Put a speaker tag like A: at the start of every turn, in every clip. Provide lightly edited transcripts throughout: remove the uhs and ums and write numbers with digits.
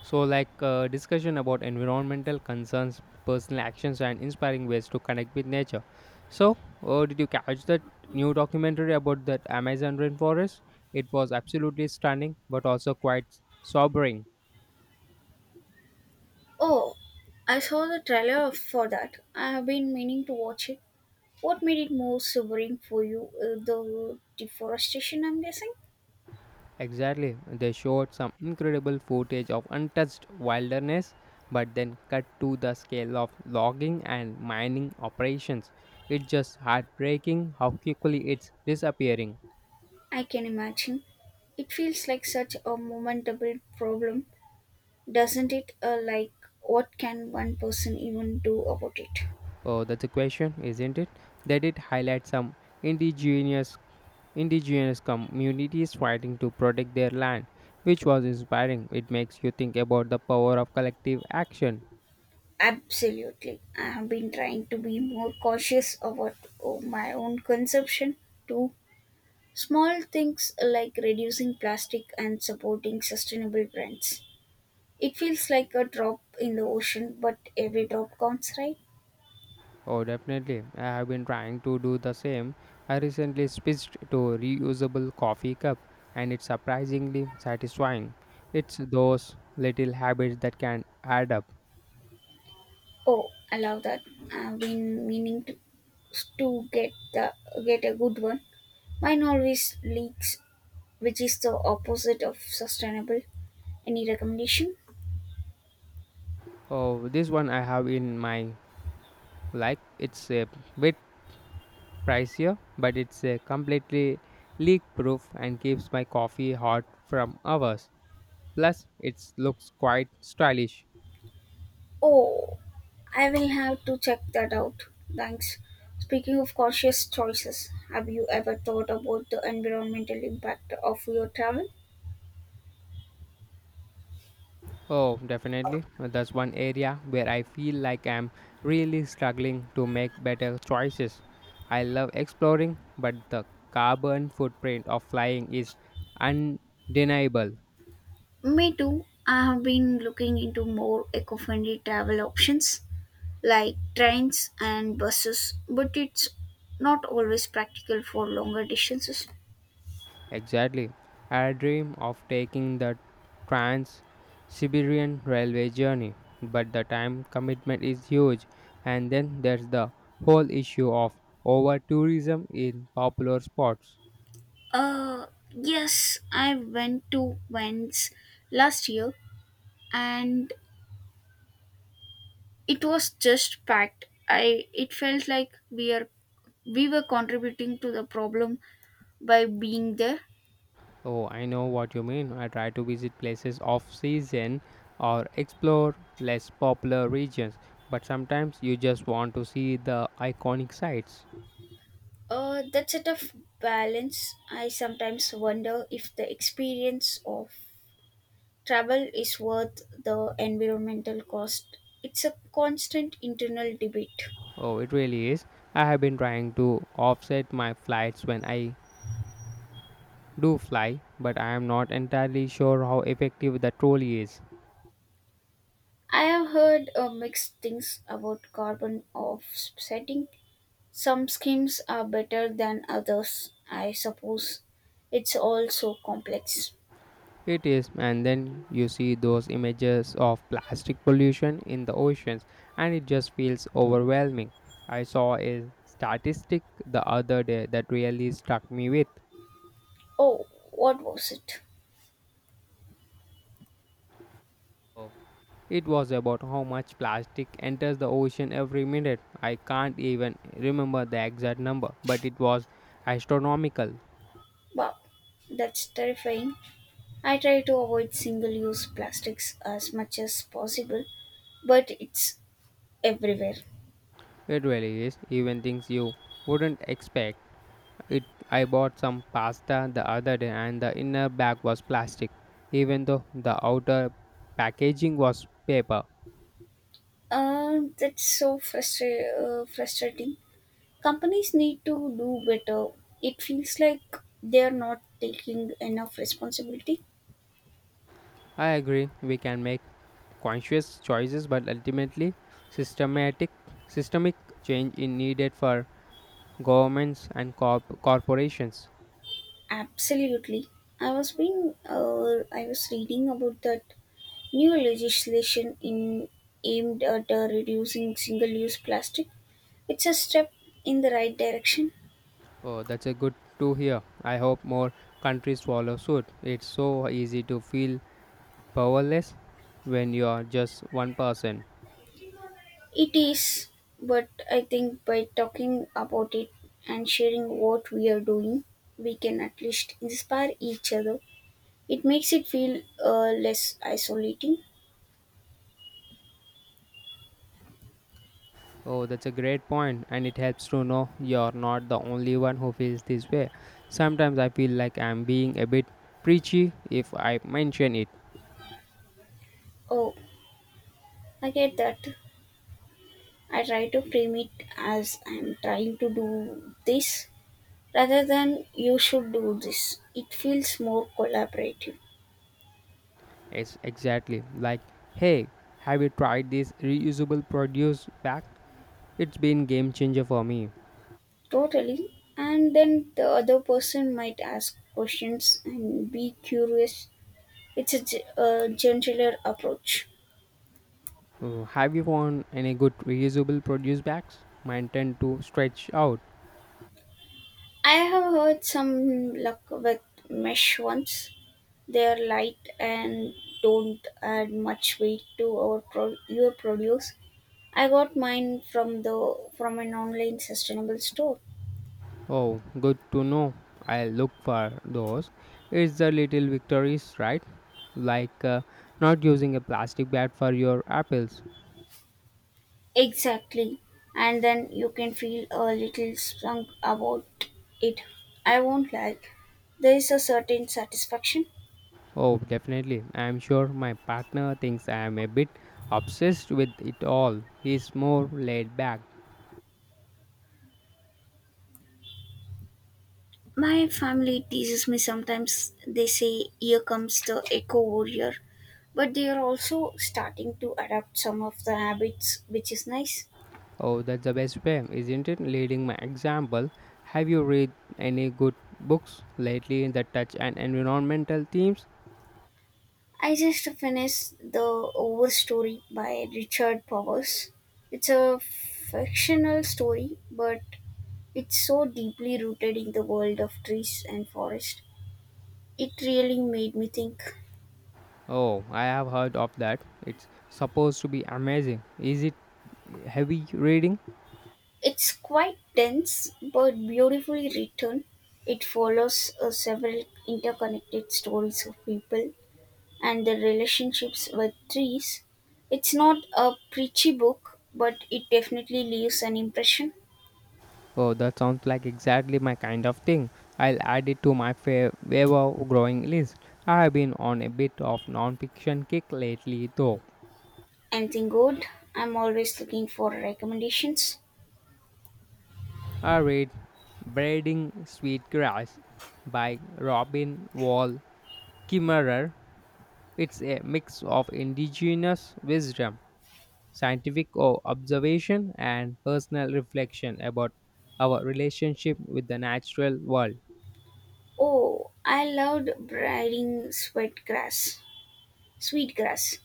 A: So, discussion about environmental concerns, personal actions, and inspiring ways to connect with nature. So, did you catch that new documentary about that Amazon rainforest? It was absolutely stunning, but also quite sobering.
B: Oh, I saw the trailer for that. I have been meaning to watch it. What made it more sobering for you? The deforestation, I'm guessing?
A: Exactly, they showed some incredible footage of untouched wilderness, but then cut to the scale of logging and mining operations. It's just heartbreaking how quickly it's disappearing.
B: I can imagine. It feels like such a momentable problem, doesn't it? What can one person even do about it?
A: Oh, that's a question, isn't it? They did highlight some indigenous indigenous communities fighting to protect their land, which was inspiring. It makes you think about the power of collective action.
B: Absolutely. I have been trying to be more cautious about oh, my own consumption too. Small things like reducing plastic and supporting sustainable brands. It feels like a drop in the ocean, but every drop counts, right?
A: Oh, definitely. I have been trying to do the same. I recently switched to a reusable coffee cup, and it's surprisingly satisfying. It's those little habits that can add up.
B: Oh, I love that. I've been meaning to get a good one. Mine always leaks, which is the opposite of sustainable. Any recommendation?
A: Oh, this one I have in my like it's a bit pricier, but it's a completely leak proof and keeps my coffee hot from hours. Plus, it looks quite stylish.
B: Oh, I will have to check that out. Thanks. Speaking of cautious choices, have you ever thought about the environmental impact of your travel?
A: Oh, definitely. That's one area where I feel like I'm really struggling to make better choices. I love exploring, but the carbon footprint of flying is undeniable.
B: Me too. I have been looking into more eco friendly travel options like trains and buses, but it's not always practical for longer distances.
A: Exactly. I dream of taking the Trans Siberian Railway journey, but the time commitment is huge. And then there's the whole issue of over tourism in popular spots.
B: Uh, yes, I went to Vents last year and it was just packed. I It felt like we were contributing to the problem by being there.
A: Oh, I know what you mean. I try to visit places off season or explore less popular regions, but sometimes you just want to see the iconic sites.
B: That's a tough balance. I sometimes wonder if the experience of travel is worth the environmental cost. It's a constant internal debate.
A: Oh, it really is. I have been trying to offset my flights when I do fly, but I am not entirely sure how effective the trolley is.
B: I have heard mixed things about carbon offsetting. Some schemes are better than others, I suppose. It's all so complex.
A: It is, and then you see those images of plastic pollution in the oceans, and it just feels overwhelming. I saw a statistic the other day that really struck me with.
B: Oh, what was it?
A: It was about how much plastic enters the ocean every minute. I can't even remember the exact number, but it was astronomical.
B: Wow, that's terrifying. I try to avoid single use plastics as much as possible, but it's everywhere.
A: It really is, even things you wouldn't expect. It I bought some pasta the other day and the inner bag was plastic even though the outer packaging was paper.
B: That's so frustrating. Companies need to do better. It feels like they're not taking enough responsibility.
A: I agree, we can make conscious choices but ultimately systematic systemic change is needed for governments and corporations.
B: Absolutely. I was reading about that new legislation in aimed at reducing single-use plastic. It's a step in the right direction.
A: Oh, that's a good to hear. I hope more countries follow suit. It's so easy to feel powerless when you are just one person.
B: It is, but I think by talking about it and sharing what we are doing, we can at least inspire each other. It makes it feel less isolating.
A: Oh, that's a great point, and it helps to know you're not the only one who feels this way. Sometimes I feel like I'm being a bit preachy if I mention it.
B: Oh, I get that. I try to frame it as I'm trying to do this rather than you should do this. It feels more collaborative.
A: It's exactly like, hey, have you tried this reusable produce bag? It's been game changer for me.
B: Totally. And then the other person might ask questions and be curious. It's a, a gentler approach.
A: Have you found any good reusable produce bags? Mine tend to stretch out.
B: I have heard some luck with mesh ones. They're light and don't add much weight to your produce. I got mine from the from an online sustainable store.
A: Oh, good to know. I'll look for those. It's the little victories, right? Like uh, Not using a plastic bag for your apples.
B: Exactly. And then you can feel a little sunk about it. I won't lie. There is a certain satisfaction.
A: Oh, definitely. I'm sure my partner thinks I am a bit obsessed with it all. He's more laid back.
B: My family teases me sometimes. They say, here comes the eco warrior. But they are also starting to adapt some of the habits, which is nice.
A: Oh, that's the best way, isn't it? Leading my example. Have you read any good books lately that touch on environmental themes?
B: I just finished The Overstory by Richard Powers. It's a fictional story, but it's so deeply rooted in the world of trees and forest. It really made me think.
A: Oh, I have heard of that. It's supposed to be amazing. Is it heavy reading?
B: It's quite dense but beautifully written. It follows several interconnected stories of people and their relationships with trees. It's not a preachy book, but it definitely leaves an impression.
A: Oh, that sounds like exactly my kind of thing. I'll add it to my fair ever growing list. I have been on a bit of non-fiction kick lately, though.
B: Anything good? I'm always looking for recommendations.
A: I read Braiding Sweet Grass by Robin Wall Kimmerer. It's a mix of indigenous wisdom, observation, and personal reflection about our relationship with the natural world.
B: Oh, I loved braiding sweatgrass. Sweetgrass.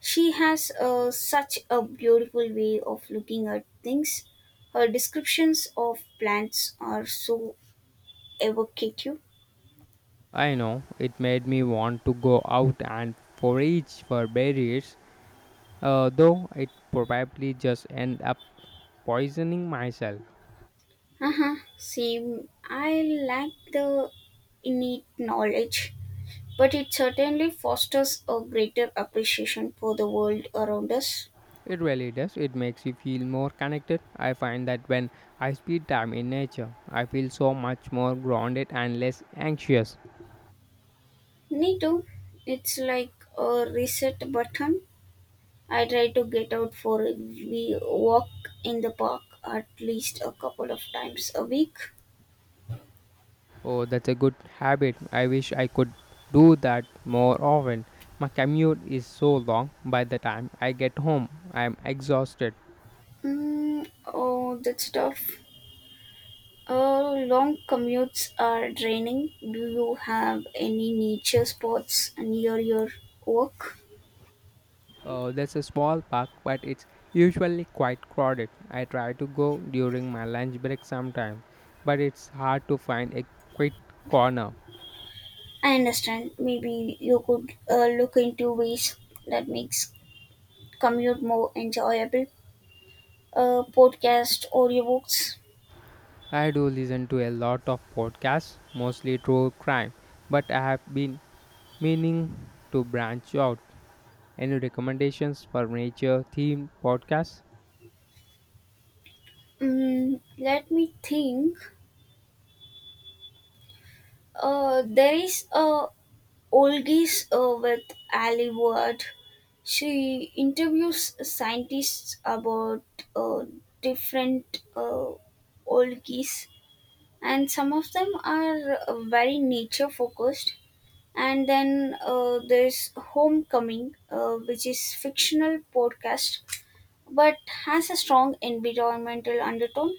B: She has such a beautiful way of looking at things. Her descriptions of plants are so evocative.
A: I know, it made me want to go out and forage for berries, though it probably just end up poisoning myself.
B: Uh huh. Same. I like the innate knowledge, but it certainly fosters a greater appreciation for the world around us.
A: It really does. It makes you feel more connected. I find that when I spend time in nature, I feel so much more grounded and less anxious.
B: Me too. It's like a reset button. I try to get out for a wee walk in the park at least a couple of times a week.
A: Oh, that's a good habit. I wish I could do that more often. My commute is so long. By the time I get home, I am exhausted.
B: Oh, that's tough. Long commutes are draining. Do you have any nature spots near your work?
A: There's a small park, but it's usually quite crowded. I try to go during my lunch break sometime, but it's hard to find a quiet corner.
B: I understand. Maybe you could look into ways that makes commute more enjoyable. A podcast, audiobooks.
A: I do listen to a lot of podcasts, mostly true crime, but I have been meaning to branch out. Any recommendations for nature themed podcasts?
B: Let me think. There is a Olgis with Ali Ward. She interviews scientists about uh, different Olgis, and some of them are very nature focused. And then there's Homecoming, which is fictional podcast but has a strong environmental undertone.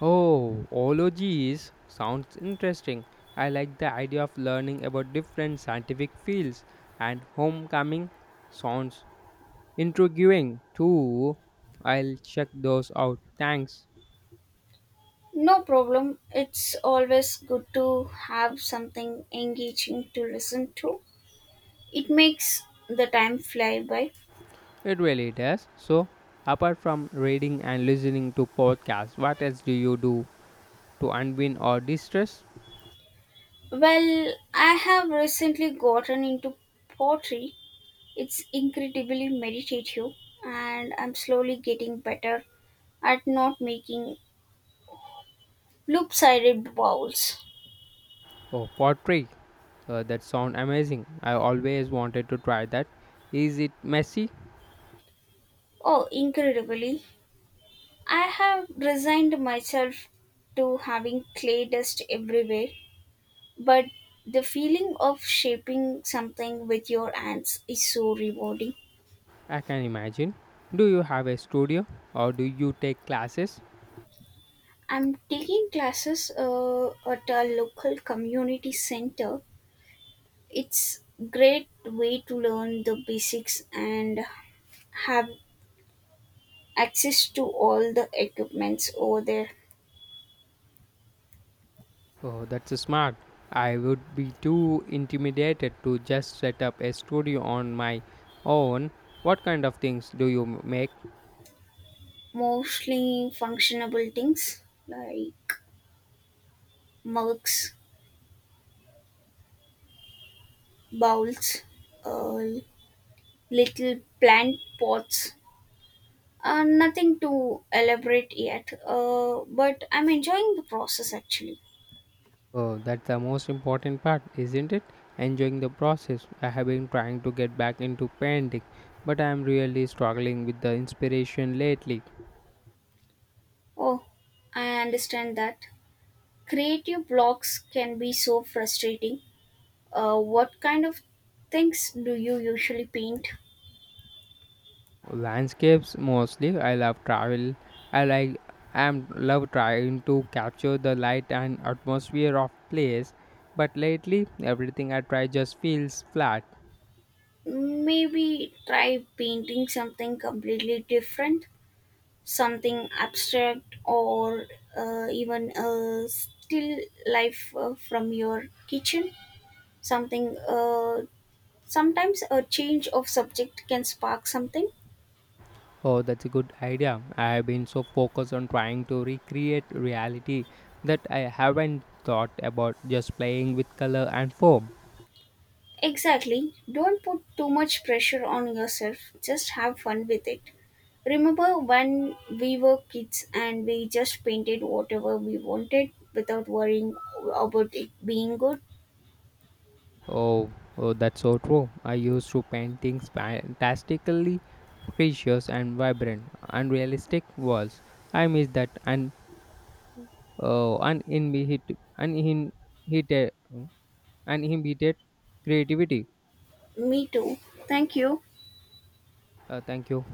A: Oh, ologies sounds interesting. I like the idea of learning about different scientific fields, and homecoming sounds intriguing too. I'll check those out. Thanks.
B: No problem. It's always good to have something engaging to listen to. It makes the time fly by.
A: It really does. So, apart from reading and listening to podcasts, what else do you do to unwind or distress?
B: Well, I have recently gotten into pottery. It's incredibly meditative, and I'm slowly getting better at not making loop sided bowls.
A: Oh, pottery. That sounds amazing. I always wanted to try that. Is it messy?
B: Oh, incredibly. I have resigned myself to having clay dust everywhere. But the feeling of shaping something with your hands is so rewarding.
A: I can imagine. Do you have a studio or do you take classes?
B: I'm taking classes at a local community center. It's great way to learn the basics and have access to all the equipments over there.
A: Oh, that's smart. I would be too intimidated to just set up a studio on my own. What kind of things do you make?
B: Mostly functionable things like mugs, bowls, uh, little plant pots. Nothing to elaborate yet, but I'm enjoying the process actually.
A: Oh, that's the most important part, isn't it? Enjoying the process. I have been trying to get back into painting, but I am really struggling with the inspiration lately.
B: Oh, I understand that. Creative blocks can be so frustrating. What kind of things do you usually paint?
A: Landscapes mostly. I love travel. I like am love trying to capture the light and atmosphere of place, but lately everything I try just feels flat.
B: Maybe try painting something completely different, something abstract, or even a still life from your kitchen, something sometimes a change of subject can spark something.
A: Oh, that's a good idea. I have been so focused on trying to recreate reality that I haven't thought about just playing with color and form.
B: Exactly. Don't put too much pressure on yourself. Just have fun with it. Remember when we were kids and we just painted whatever we wanted without worrying about it being good?
A: Oh, oh, that's so true. I used to paint things fantastically precious and vibrant, unrealistic walls. I miss that and uh, uninhibited, uninhibited, uninhibited creativity.
B: Me too. Thank you.
A: Thank you.